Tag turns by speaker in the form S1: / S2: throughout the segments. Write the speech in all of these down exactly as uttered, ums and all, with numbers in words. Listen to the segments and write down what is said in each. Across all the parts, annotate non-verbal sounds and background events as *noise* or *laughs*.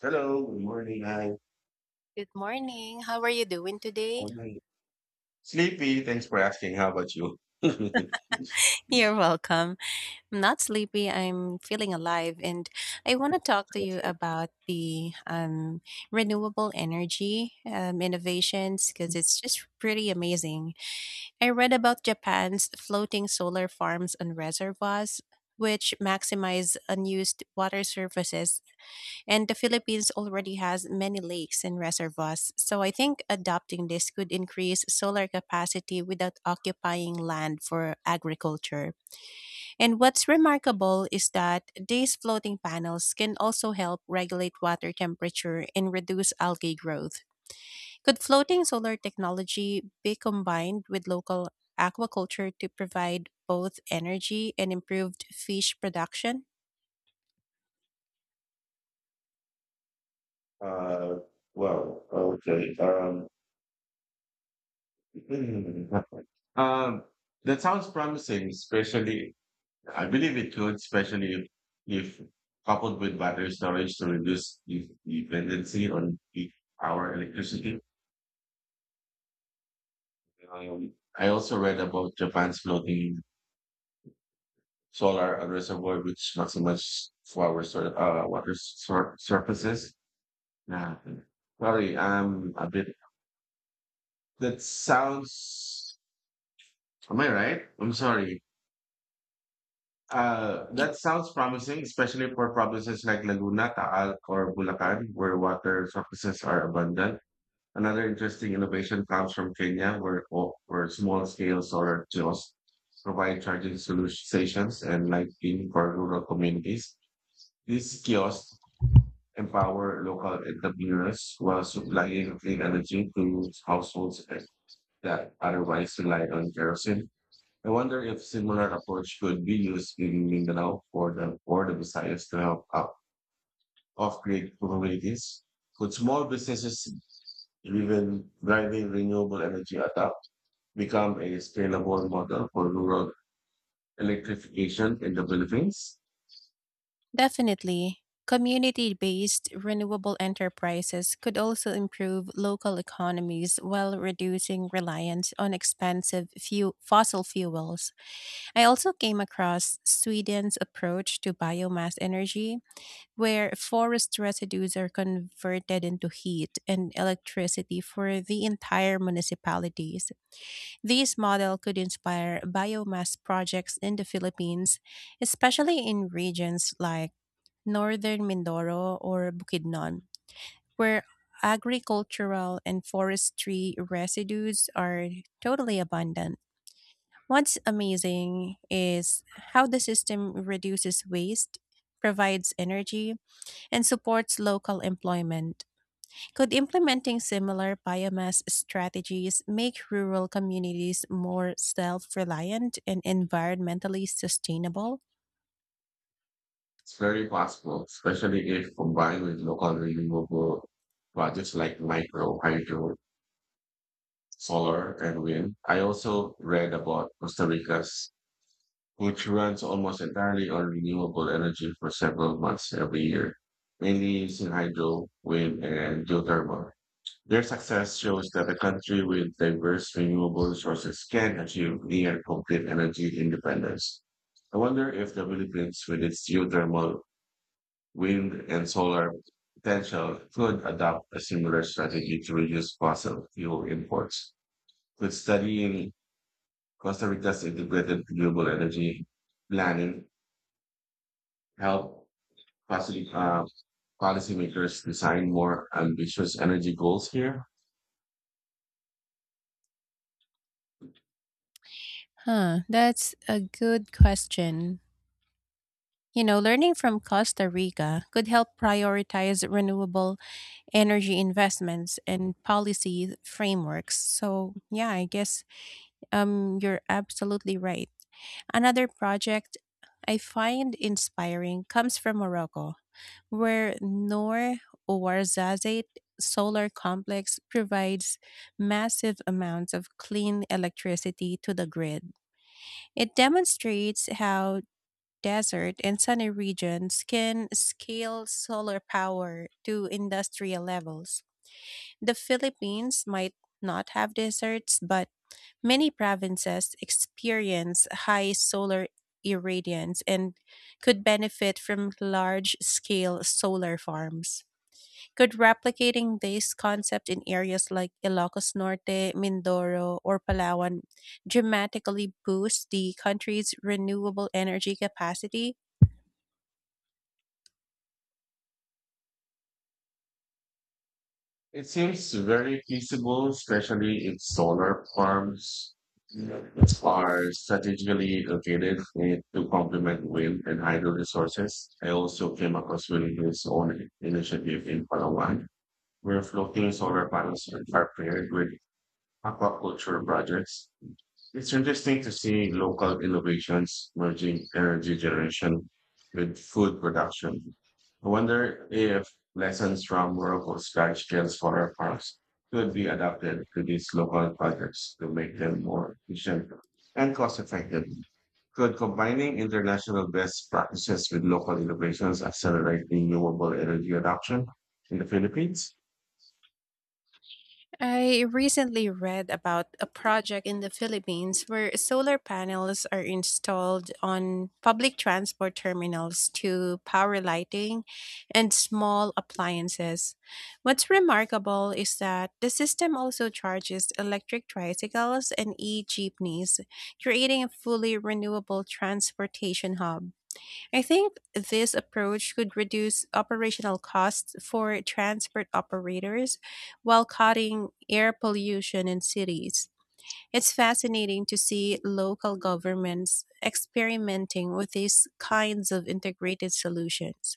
S1: Hello, good morning. Hi.
S2: Good morning. How are you doing today?
S1: Oh, hi. Sleepy, thanks for asking. How about you? *laughs*
S2: You're welcome. I'm not sleepy. I'm feeling alive, and I want to talk to you
S1: Okay.
S2: about the um, renewable energy um, innovations because it's just pretty amazing. I read about Japan's floating solar farms on reservoirs, which maximize unused water surfaces. And the Philippines already has many lakes and reservoirs, so I think adopting this could increase solar capacity without occupying land for agriculture. And what's remarkable is that these floating panels can also help regulate water temperature and reduce algae growth. Could floating solar technology be combined with local aquaculture to provide both energy and improved fish production?
S1: Uh, well, okay. Um, *laughs* um, that sounds promising, especially, I believe it could, especially if, if coupled with battery storage to reduce the dependency on peak power electricity. Um, I also read about Japan's floating solar reservoir, which maximizes flower sur- uh, water sur- surfaces. Yeah. Sorry, I'm a bit. That sounds. Am I right? I'm sorry. Uh, that sounds promising, especially for provinces like Laguna, Taal, or Bulacan, where water resources are abundant. Another interesting innovation comes from Kenya, where co- where small scale solar kiosks provide charging solu- stations and lighting for rural communities. These kiosks empower local entrepreneurs while supplying clean energy to households that otherwise relied on kerosene. I wonder if similar approach could be used in Mindanao for the for the Visayas to help up off-grid communities. Could small businesses even driving renewable energy adopt become a scalable model for rural electrification in the Philippines?
S2: Definitely. Community based renewable enterprises could also improve local economies while reducing reliance on expensive few fossil fuels. I also came across Sweden's approach to biomass energy, where forest residues are converted into heat and electricity for the entire municipalities. This model could inspire biomass projects in the Philippines, especially in regions like northern Mindoro or Bukidnon, where agricultural and forestry residues are totally abundant. What's amazing is how the system reduces waste, provides energy, and supports local employment. Could implementing similar biomass strategies make rural communities more self reliant and environmentally sustainable?
S1: It's very possible, especially if combined with local renewable projects like micro, hydro, solar, and wind. I also read about Costa Rica's, which runs almost entirely on renewable energy for several months every year, mainly using hydro, wind, and geothermal. Their success shows that a country with diverse renewable resources can achieve near complete energy independence. I wonder if the Philippines, with its geothermal, wind, and solar potential, could adopt a similar strategy to reduce fossil fuel imports. Could studying Costa Rica's integrated renewable energy planning help policy, uh, policymakers design more ambitious energy goals here?
S2: Huh, that's a good question. You know, learning from Costa Rica could help prioritize renewable energy investments and policy frameworks. So, yeah, I guess um, you're absolutely right. Another project I find inspiring comes from Morocco, where Noor Ouarzazate Solar Complex provides massive amounts of clean electricity to the grid. It demonstrates how desert, and sunny regions can scale solar power to industrial levels. The Philippines might not have deserts, but many provinces experience high solar irradiance and could benefit from large scale solar farms. Could replicating this concept in areas like Ilocos Norte, Mindoro, or Palawan dramatically boost the country's renewable energy capacity?
S1: It seems very feasible, especially if solar farms are strategically located, eh, to complement wind and hydro resources. I also came across Willinghill's own initiative in Palawan, where floating solar panels are paired with aquaculture projects. It's interesting to see local innovations merging energy generation with food production. I wonder if lessons from Morocco's large scale solar farms could be adapted to these local projects to make them more efficient and cost effective. Could combining international best practices with local innovations accelerate renewable energy adoption in the Philippines?
S2: I recently read about a project in the Philippines where solar panels are installed on public transport terminals to power lighting and small appliances. What's remarkable is that the system also charges electric tricycles and e jeepneys, creating a fully renewable transportation hub. I think this approach could reduce operational costs for transport operators while cutting air pollution in cities. It's fascinating to see local governments experimenting with these kinds of integrated solutions.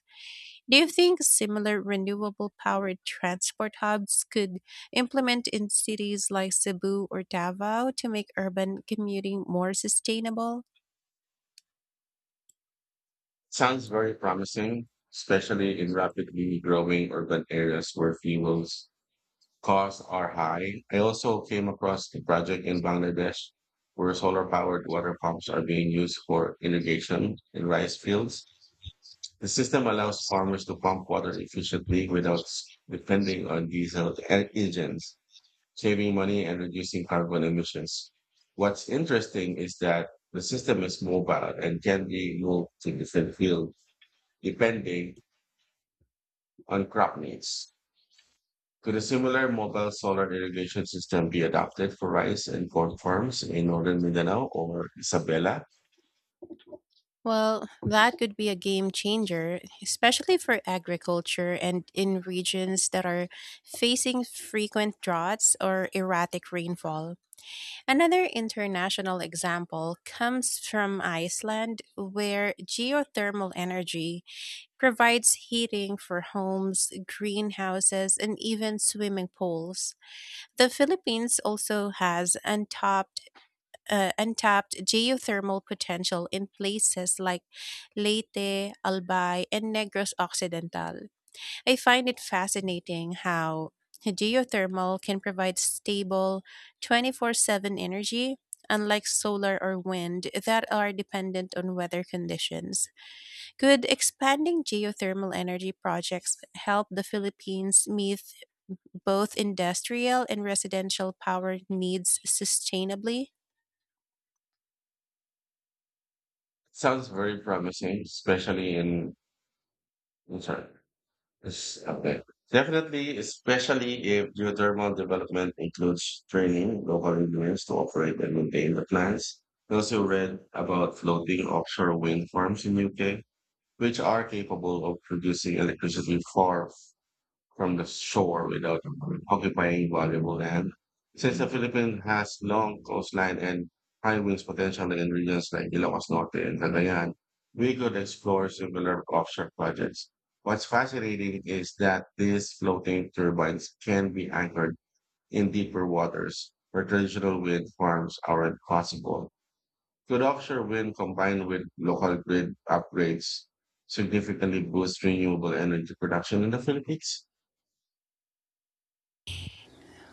S2: Do you think similar renewable powered transport hubs could implement in cities like Cebu or Davao to make urban commuting more sustainable?
S1: Sounds very promising, especially in rapidly growing urban areas where fuels costs are high. I also came across a project in Bangladesh where solar powered water pumps are being used for irrigation in rice fields. The system allows farmers to pump water efficiently without s- depending on diesel e- engines, saving money and reducing carbon emissions. What's interesting is that the system is mobile and can be moved to different fields depending on crop needs. Could a similar mobile solar irrigation system be adopted for rice and corn farms in northern Mindanao or Isabela?
S2: Well, that could be a game changer, especially for agriculture and in regions that are facing frequent droughts or erratic rainfall. Another international example comes from Iceland, where geothermal energy provides heating for homes, greenhouses, and even swimming pools. The Philippines also has untapped uh, untapped geothermal potential in places like Leyte, Albay, and Negros Occidental. I find it fascinating how geothermal can provide stable twenty four seven energy, unlike solar or wind that are dependent on weather conditions. Could expanding geothermal energy projects help the Philippines meet both industrial and residential power needs sustainably?
S1: Sounds very promising, especially in. I'm sorry, it's- okay. Definitely, especially if geothermal development includes training local engineers to operate and maintain the plants. I also read about floating offshore wind farms in U K, which are capable of producing electricity far from the shore without occupying valuable land. Since the Philippines has long coastline and high winds potential in regions like Ilocos Norte and Cagayan, we could explore similar offshore projects. What's fascinating is that these floating turbines can be anchored in deeper waters where traditional wind farms aren't possible. Could offshore wind combined with local grid upgrades significantly boost renewable energy production in the Philippines?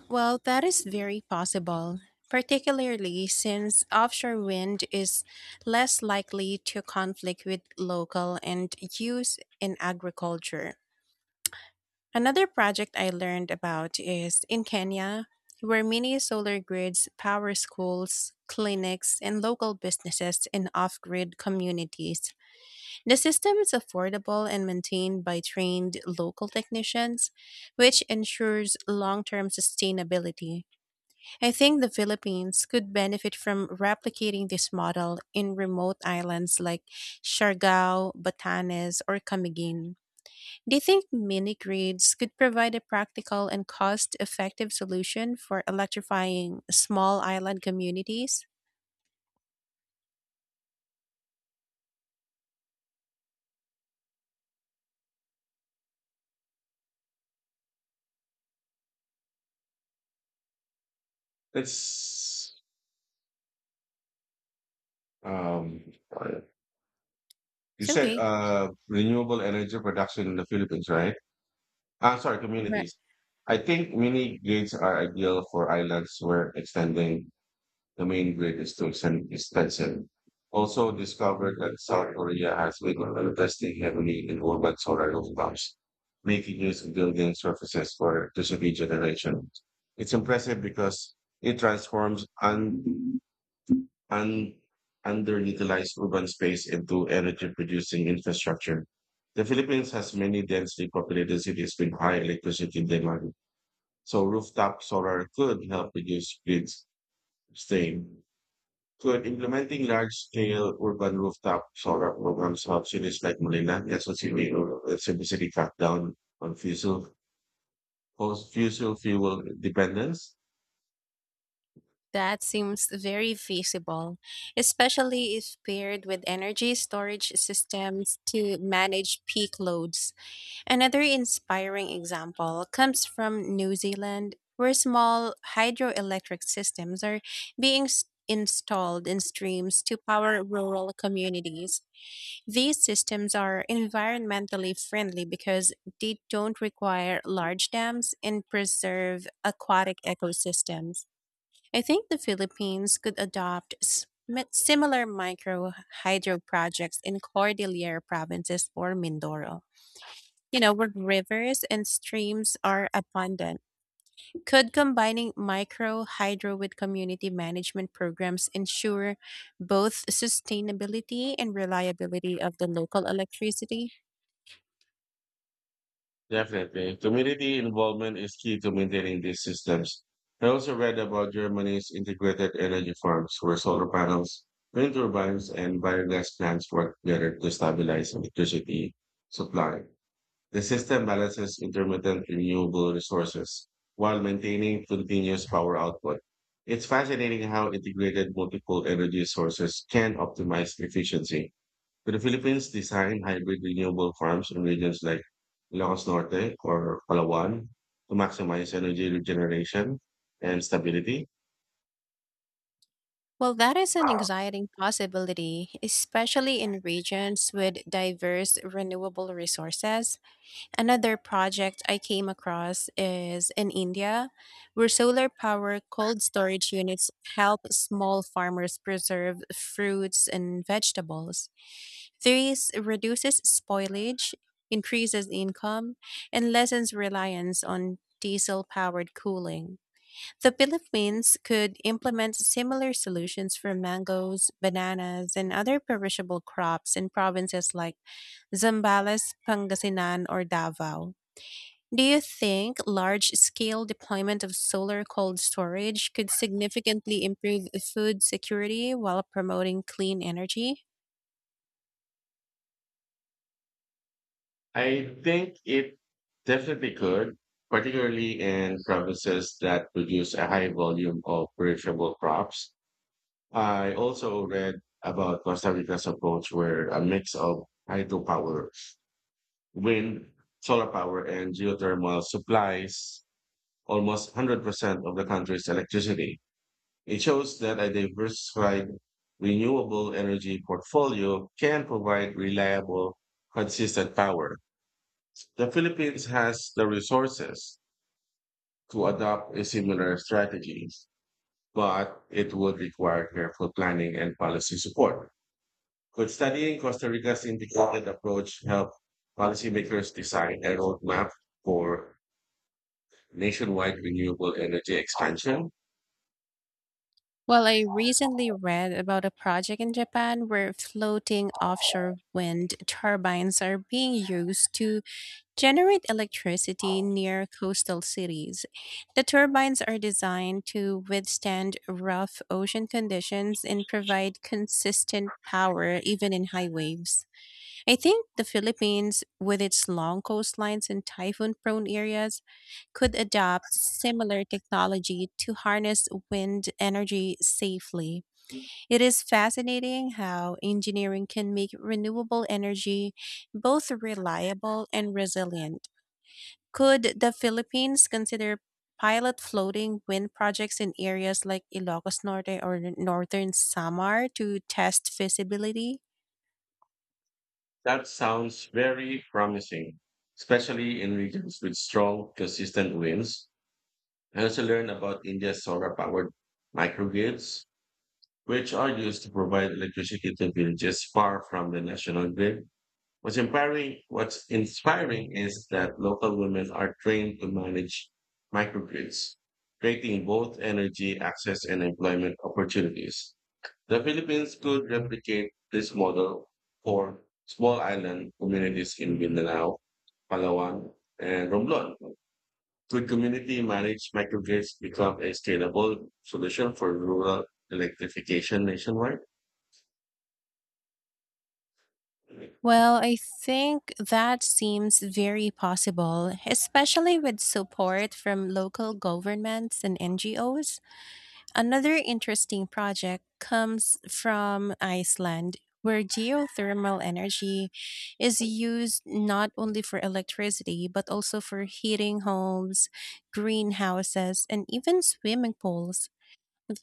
S2: Well, that is very possible, particularly since offshore wind is less likely to conflict with local and use in agriculture. Another project I learned about is in Kenya, where many solar grids power schools, clinics, and local businesses in off grid communities. The system is affordable and maintained by trained local technicians, which ensures long term sustainability. I think the Philippines could benefit from replicating this model in remote islands like Siargao, Batanes, or Camiguin. Do you think mini grids could provide a practical and cost effective solution for electrifying small island communities?
S1: It's, um, you
S2: It's
S1: said,
S2: okay.
S1: uh, renewable energy production in the Philippines, right? Ah, sorry,
S2: Right.
S1: communities. I think mini grids are ideal for islands where extending the main grid is too exten- expensive. Also discovered that South Korea has been investing heavily in urban solar rooftops, making use of building surfaces for electricity generation. It's impressive because it transforms un- un- underutilized urban space into energy-producing infrastructure. The Philippines has many densely populated cities with high electricity demand, so rooftop solar could help reduce grid strain. Could implementing large-scale urban rooftop solar programs help cities like Manila, Quezon City, or Cebu City cut down on fossil fossil fuel dependence?
S2: That seems very feasible, especially if paired with energy storage systems to manage peak loads. Another inspiring example comes from New Zealand, where small hydroelectric systems are being s- installed in streams to power rural communities. These systems are environmentally friendly because they don't require large dams and preserve aquatic ecosystems. I think the Philippines could adopt s- similar micro hydro projects in Cordillera provinces or Mindoro, you know, where rivers and streams are abundant. Could combining micro hydro with community management programs ensure both sustainability and reliability of the local electricity?
S1: Definitely. Community involvement is key to maintaining these systems. I also read about Germany's integrated energy farms where solar panels, wind turbines, and biogas plants work together to stabilize electricity supply. The system balances intermittent renewable resources while maintaining continuous power output. It's fascinating how integrated multiple energy sources can optimize efficiency. Could the Philippines design hybrid renewable farms in regions like Ilocos Norte or Palawan to maximize energy regeneration and stability?
S2: Well, that is an exciting possibility, especially in regions with diverse renewable resources. Another project I came across is in India, where solar power cold storage units help small farmers preserve fruits and vegetables. This reduces spoilage, increases income, and lessens reliance on diesel powered cooling. The Philippines could implement similar solutions for mangoes, bananas, and other perishable crops in provinces like Zambales, Pangasinan, or Davao. Do you think large scale deployment of solar cold storage could significantly improve food security while promoting clean energy?
S1: I think it definitely could, particularly in provinces that produce a high volume of perishable crops. I also read about Costa Rica's approach where a mix of hydropower, wind, solar power, and geothermal supplies almost one hundred percent of the country's electricity. It shows that a diversified renewable energy portfolio can provide reliable, consistent power. The Philippines has the resources to adopt a similar strategy, but it would require careful planning and policy support. Could studying Costa Rica's integrated approach help policymakers design a roadmap for nationwide renewable energy expansion?
S2: Well, I recently read about a project in Japan where floating offshore wind turbines are being used to generate electricity near coastal cities. The turbines are designed to withstand rough ocean conditions and provide consistent power even in high waves. I think the Philippines, with its long coastlines and typhoon prone areas, could adopt similar technology to harness wind energy safely. It is fascinating how engineering can make renewable energy both reliable and resilient. Could the Philippines consider pilot floating wind projects in areas like Ilocos Norte or northern Samar to test feasibility?
S1: That sounds very promising, especially in regions with strong, consistent winds. I also learned about India's solar powered microgrids, which are used to provide electricity to villages far from the national grid. What's inspiring, what's inspiring is that local women are trained to manage microgrids, creating both energy access and employment opportunities. The Philippines could replicate this model for small island communities in Mindanao, Palawan, and Romblon. Could community managed microgrids become a scalable solution for rural electrification nationwide?
S2: Well, I think that seems very possible, especially with support from local governments and N G Os. Another interesting project comes from Iceland, where geothermal energy is used not only for electricity, but also for heating homes, greenhouses, and even swimming pools.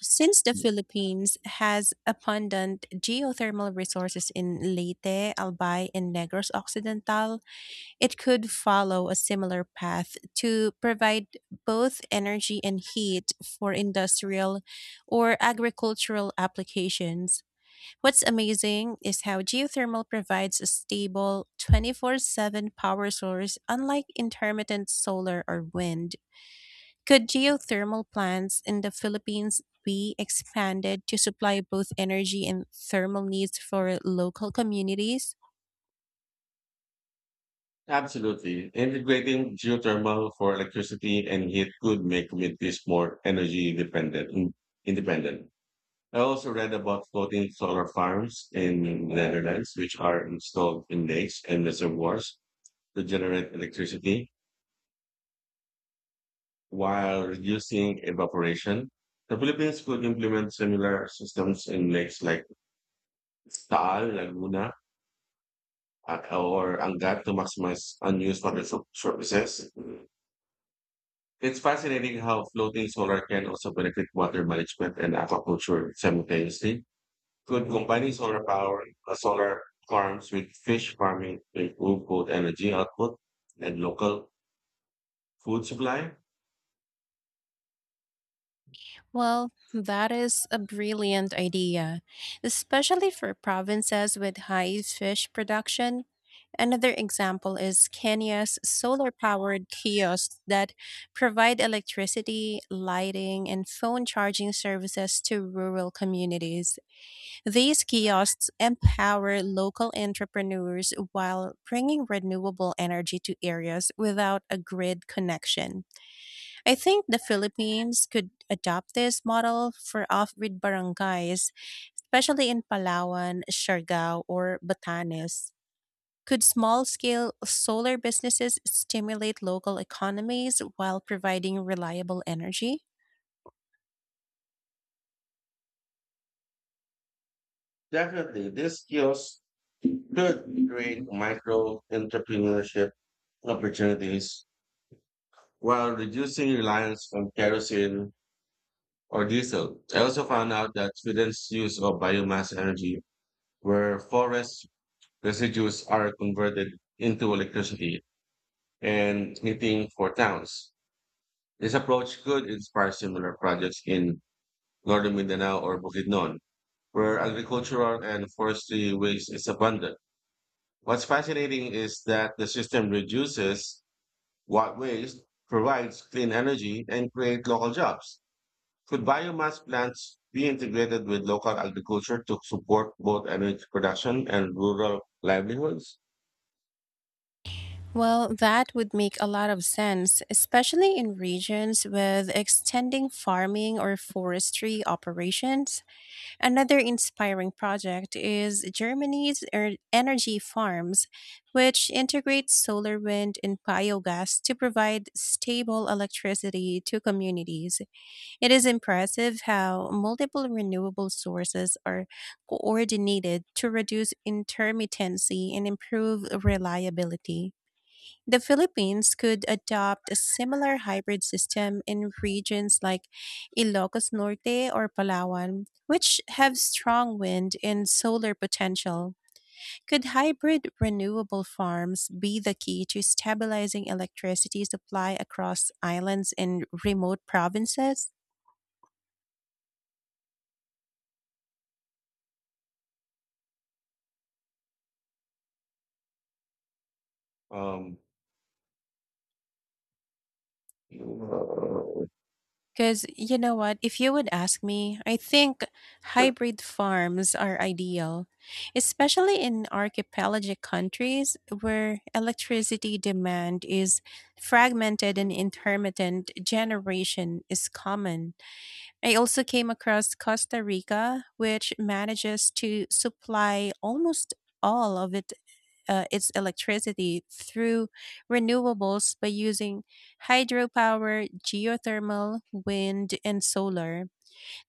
S2: Since the Philippines has abundant geothermal resources in Leyte, Albay, and Negros Occidental, it could follow a similar path to provide both energy and heat for industrial or agricultural applications. What's amazing is how geothermal provides a stable twenty four seven power source, unlike intermittent solar or wind. Could geothermal plants in the Philippines be expanded to supply both energy and thermal needs for local communities?
S1: Absolutely. Integrating geothermal for electricity and heat could make communities more energy dependent, independent. I also read about floating solar farms in the Netherlands, which are installed in lakes and reservoirs to generate electricity while reducing evaporation. The Philippines could implement similar systems in lakes like Taal, Laguna, uh, or Angat to maximize unused water sur- surfaces. It's fascinating how floating solar can also benefit water management and aquaculture simultaneously. Could combining solar power, uh, solar farms with fish farming to improve both energy output and local food supply?
S2: Well, that is a brilliant idea, especially for provinces with high fish production. Another example is Kenya's solar powered kiosks that provide electricity, lighting, and phone charging services to rural communities. These kiosks empower local entrepreneurs while bringing renewable energy to areas without a grid connection. I think the Philippines could adopt this model for off-grid barangays, especially in Palawan, Siargao, or Batanes. Could small-scale solar businesses stimulate local economies while providing reliable energy?
S1: Definitely, these skills could create micro entrepreneurship opportunities while reducing reliance on kerosene or diesel. I also found out that students' use of biomass energy, where forest residues are converted into electricity and heating for towns. This approach could inspire similar projects in northern Mindanao or Bukidnon, where agricultural and forestry waste is abundant. What's fascinating is that the system reduces what waste, provides clean energy, and create local jobs. Could biomass plants be integrated with local agriculture to support both energy production and rural livelihoods?
S2: Well, that would make a lot of sense, especially in regions with extending farming or forestry operations. Another inspiring project is Germany's er- energy farms, which integrate solar, wind, and biogas to provide stable electricity to communities. It is impressive how multiple renewable sources are coordinated to reduce intermittency and improve reliability. The Philippines could adopt a similar hybrid system in regions like Ilocos Norte or Palawan, which have strong wind and solar potential. Could hybrid renewable farms be the key to stabilizing electricity supply across islands and remote provinces?
S1: Um, uh,
S2: Because you know what? If you would ask me, I think hybrid farms are ideal, especially in archipelagic countries where electricity demand is fragmented and intermittent generation is common. I also came across Costa Rica, which manages to supply almost all of its uh, its electricity through renewables by using hydropower, geothermal, wind, and solar.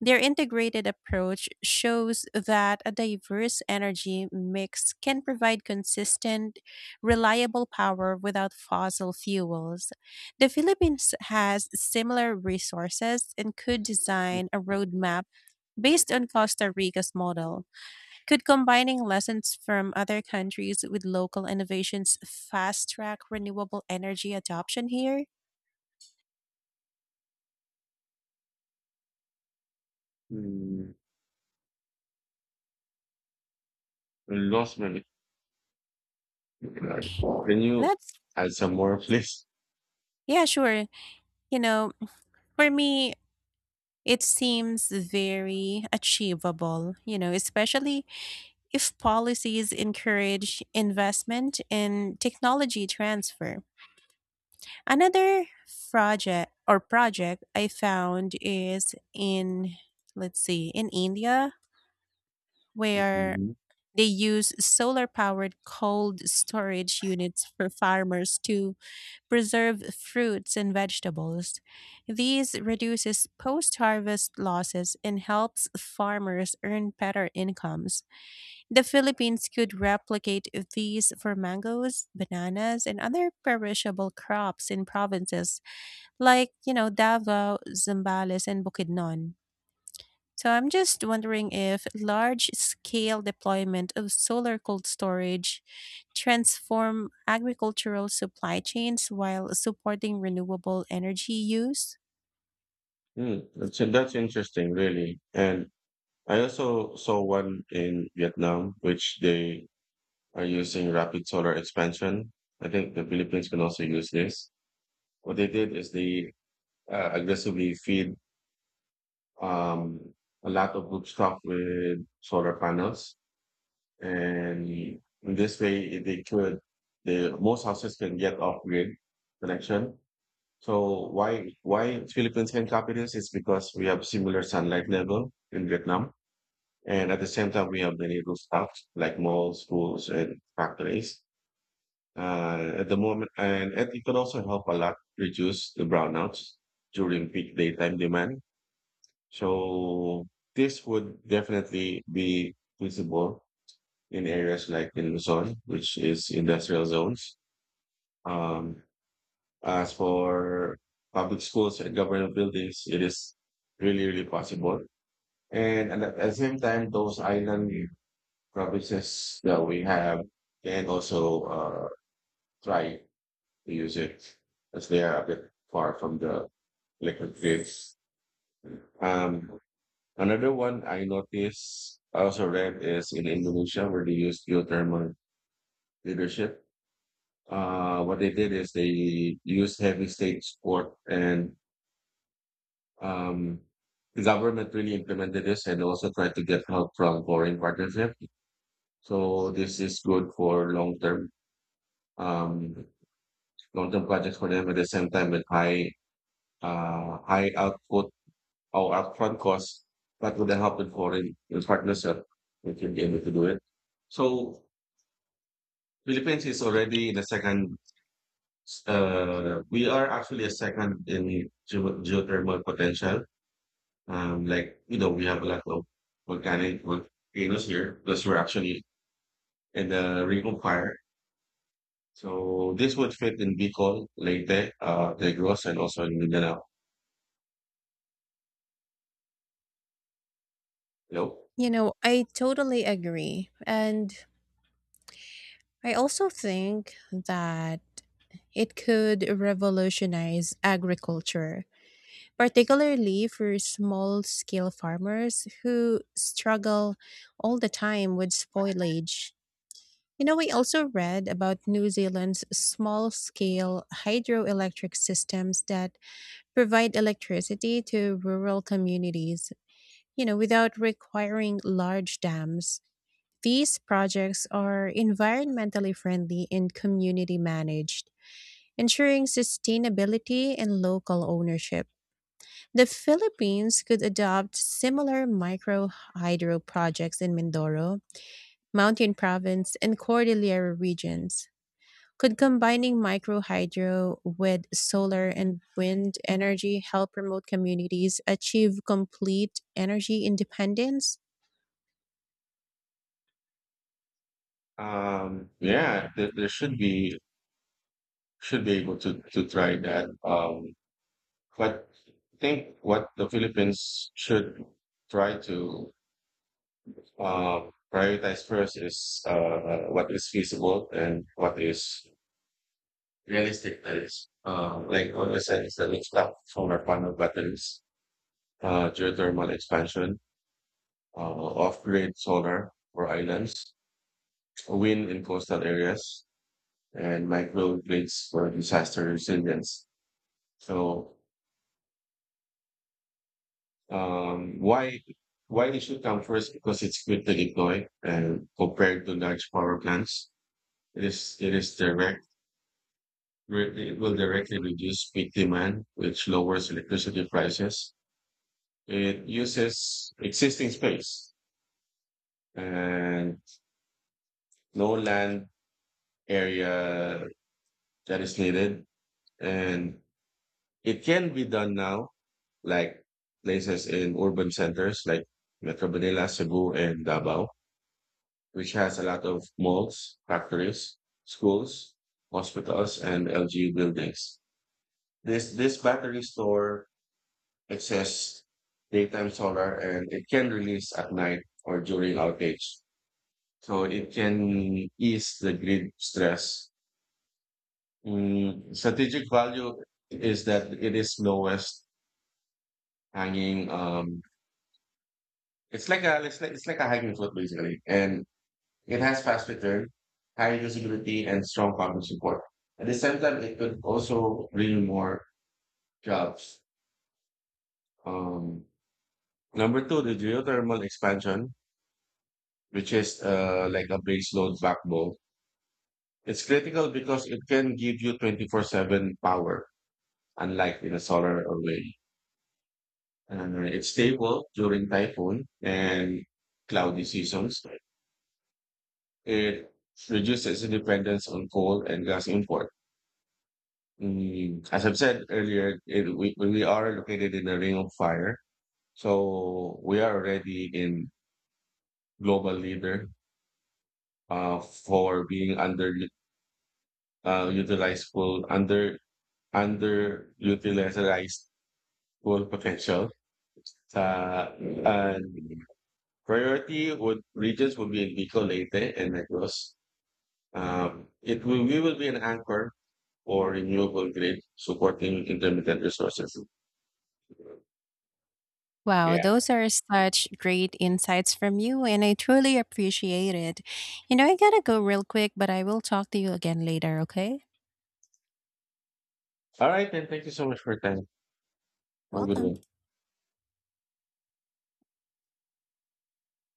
S2: Their integrated approach shows that a diverse energy mix can provide consistent, reliable power without fossil fuels. The Philippines has similar resources and could design a roadmap based on Costa Rica's model. Could combining lessons from other countries with local innovations fast track renewable energy adoption here?
S1: hmm, I lost my. Right. Can you
S2: That's,
S1: add some more, *laughs* please?
S2: yeah, sure. You know, for me, it seems very achievable, you know, especially if policies encourage investment in technology transfer. Another project or project I found is in, let's see, in India, where
S1: Mhm.
S2: they use solar powered cold storage units for farmers to preserve fruits and vegetables. These reduces post harvest losses and helps farmers earn better incomes. The Philippines could replicate these for mangoes, bananas, and other perishable crops in provinces like, you know, Davao, Zambales, and Bukidnon. So I'm just wondering if large-scale deployment of solar cold storage transform agricultural supply chains while supporting renewable energy use.
S1: Mm, that's, that's interesting, really. And I also saw one in Vietnam, which they are using rapid solar expansion. I think the Philippines can also use this. What they did is they uh, aggressively feed um, a lot of rooftop with solar panels, and in this way, they could, the most houses can get off grid connection. So why why Philippines can copy this is because we have similar sunlight level in Vietnam, and at the same time we have many rooftops like malls, schools, and factories. Uh, at the moment, and and it can also help a lot reduce the brownouts during peak daytime demand. So this would definitely be feasible in areas like in Luzon, which is industrial zones. Um, As for public schools and government buildings, it is really, really possible. And at the at the same time, those island provinces that we have can also uh, try to use it as they are a bit far from the electric grids. Um, another one I noticed, I also read is in Indonesia where they use geothermal leadership. Uh, what they did is they used heavy state support, and um, the government really implemented this and also tried to get help from foreign partnership. So this is good for long term, um, long term projects for them. At the same time, with high, uh, high output or upfront costs, but with the help of foreign with partnership, we can be able to do it. So Philippines is already in the second. Uh, we are actually a second in geo- geothermal potential. Um, like, you know, we have a lot of volcanic volcanoes here because we're actually in the Ring of Fire. So this would fit in Bicol, Leyte, uh, Negros, and also in Mindanao. You know?
S2: You know, I totally agree. And I also think that it could revolutionize agriculture, particularly for small scale farmers who struggle all the time with spoilage. You know, I also read about New Zealand's small scale hydroelectric systems that provide electricity to rural communities, you know, without requiring large dams. These projects are environmentally friendly and community managed, ensuring sustainability and local ownership. The Philippines could adopt similar micro hydro projects in Mindoro, Mountain Province, and Cordillera regions. Could combining microhydro with solar and wind energy help remote communities achieve complete energy independence?
S1: Um, yeah, there, there should be, should be able to to try that. Um, but I think what the Philippines should try to, um, prioritize first is, uh, what is feasible and what is realistic that is. Uh, like on the sense that it's not solar panel batteries, uh, geothermal expansion, uh, off-grid solar for islands, wind in coastal areas, and microgrids for disaster resilience. So, um, why why it should come first? Because it's quick to deploy, and compared to large power plants, it is it is direct. It will directly reduce peak demand, which lowers electricity prices. It uses existing space and no land area that is needed. And it can be done now, like places in urban centers like Metro Manila, Cebu, and Davao, which has a lot of malls, factories, schools, hospitals, and L G U buildings. This this battery store access daytime solar and it can release at night or during outage. So it can ease the grid stress. Mm, strategic value is that it is lowest hanging. Um, it's like a it's like, it's like a hanging fruit basically, and it has fast return, high usability, and strong public support. At the same time, it could also bring more jobs. Um, number two, the geothermal expansion, which is, uh, like a base load backbone. It's critical because it can give you twenty-four seven power, unlike in a solar or wind. And it's stable during typhoon and cloudy seasons. It reduces dependence on coal and gas import. Mm, as I've said earlier, it, we, we are located in a ring of fire. So we are already in global leader, uh, for being under, uh, utilized full, under underutilized full potential. Sa, and Priority would, regions would be Bicol, Leyte, and Negros. Um, it will we will be an anchor for renewable grid supporting intermittent resources.
S2: Wow,
S1: Yeah.
S2: those are such great insights from you, and I truly appreciate it. You know, I gotta go real quick, but I will talk to you again later, okay?
S1: All right, then. Thank you so much for your time. Have a good
S2: Welcome.
S1: one.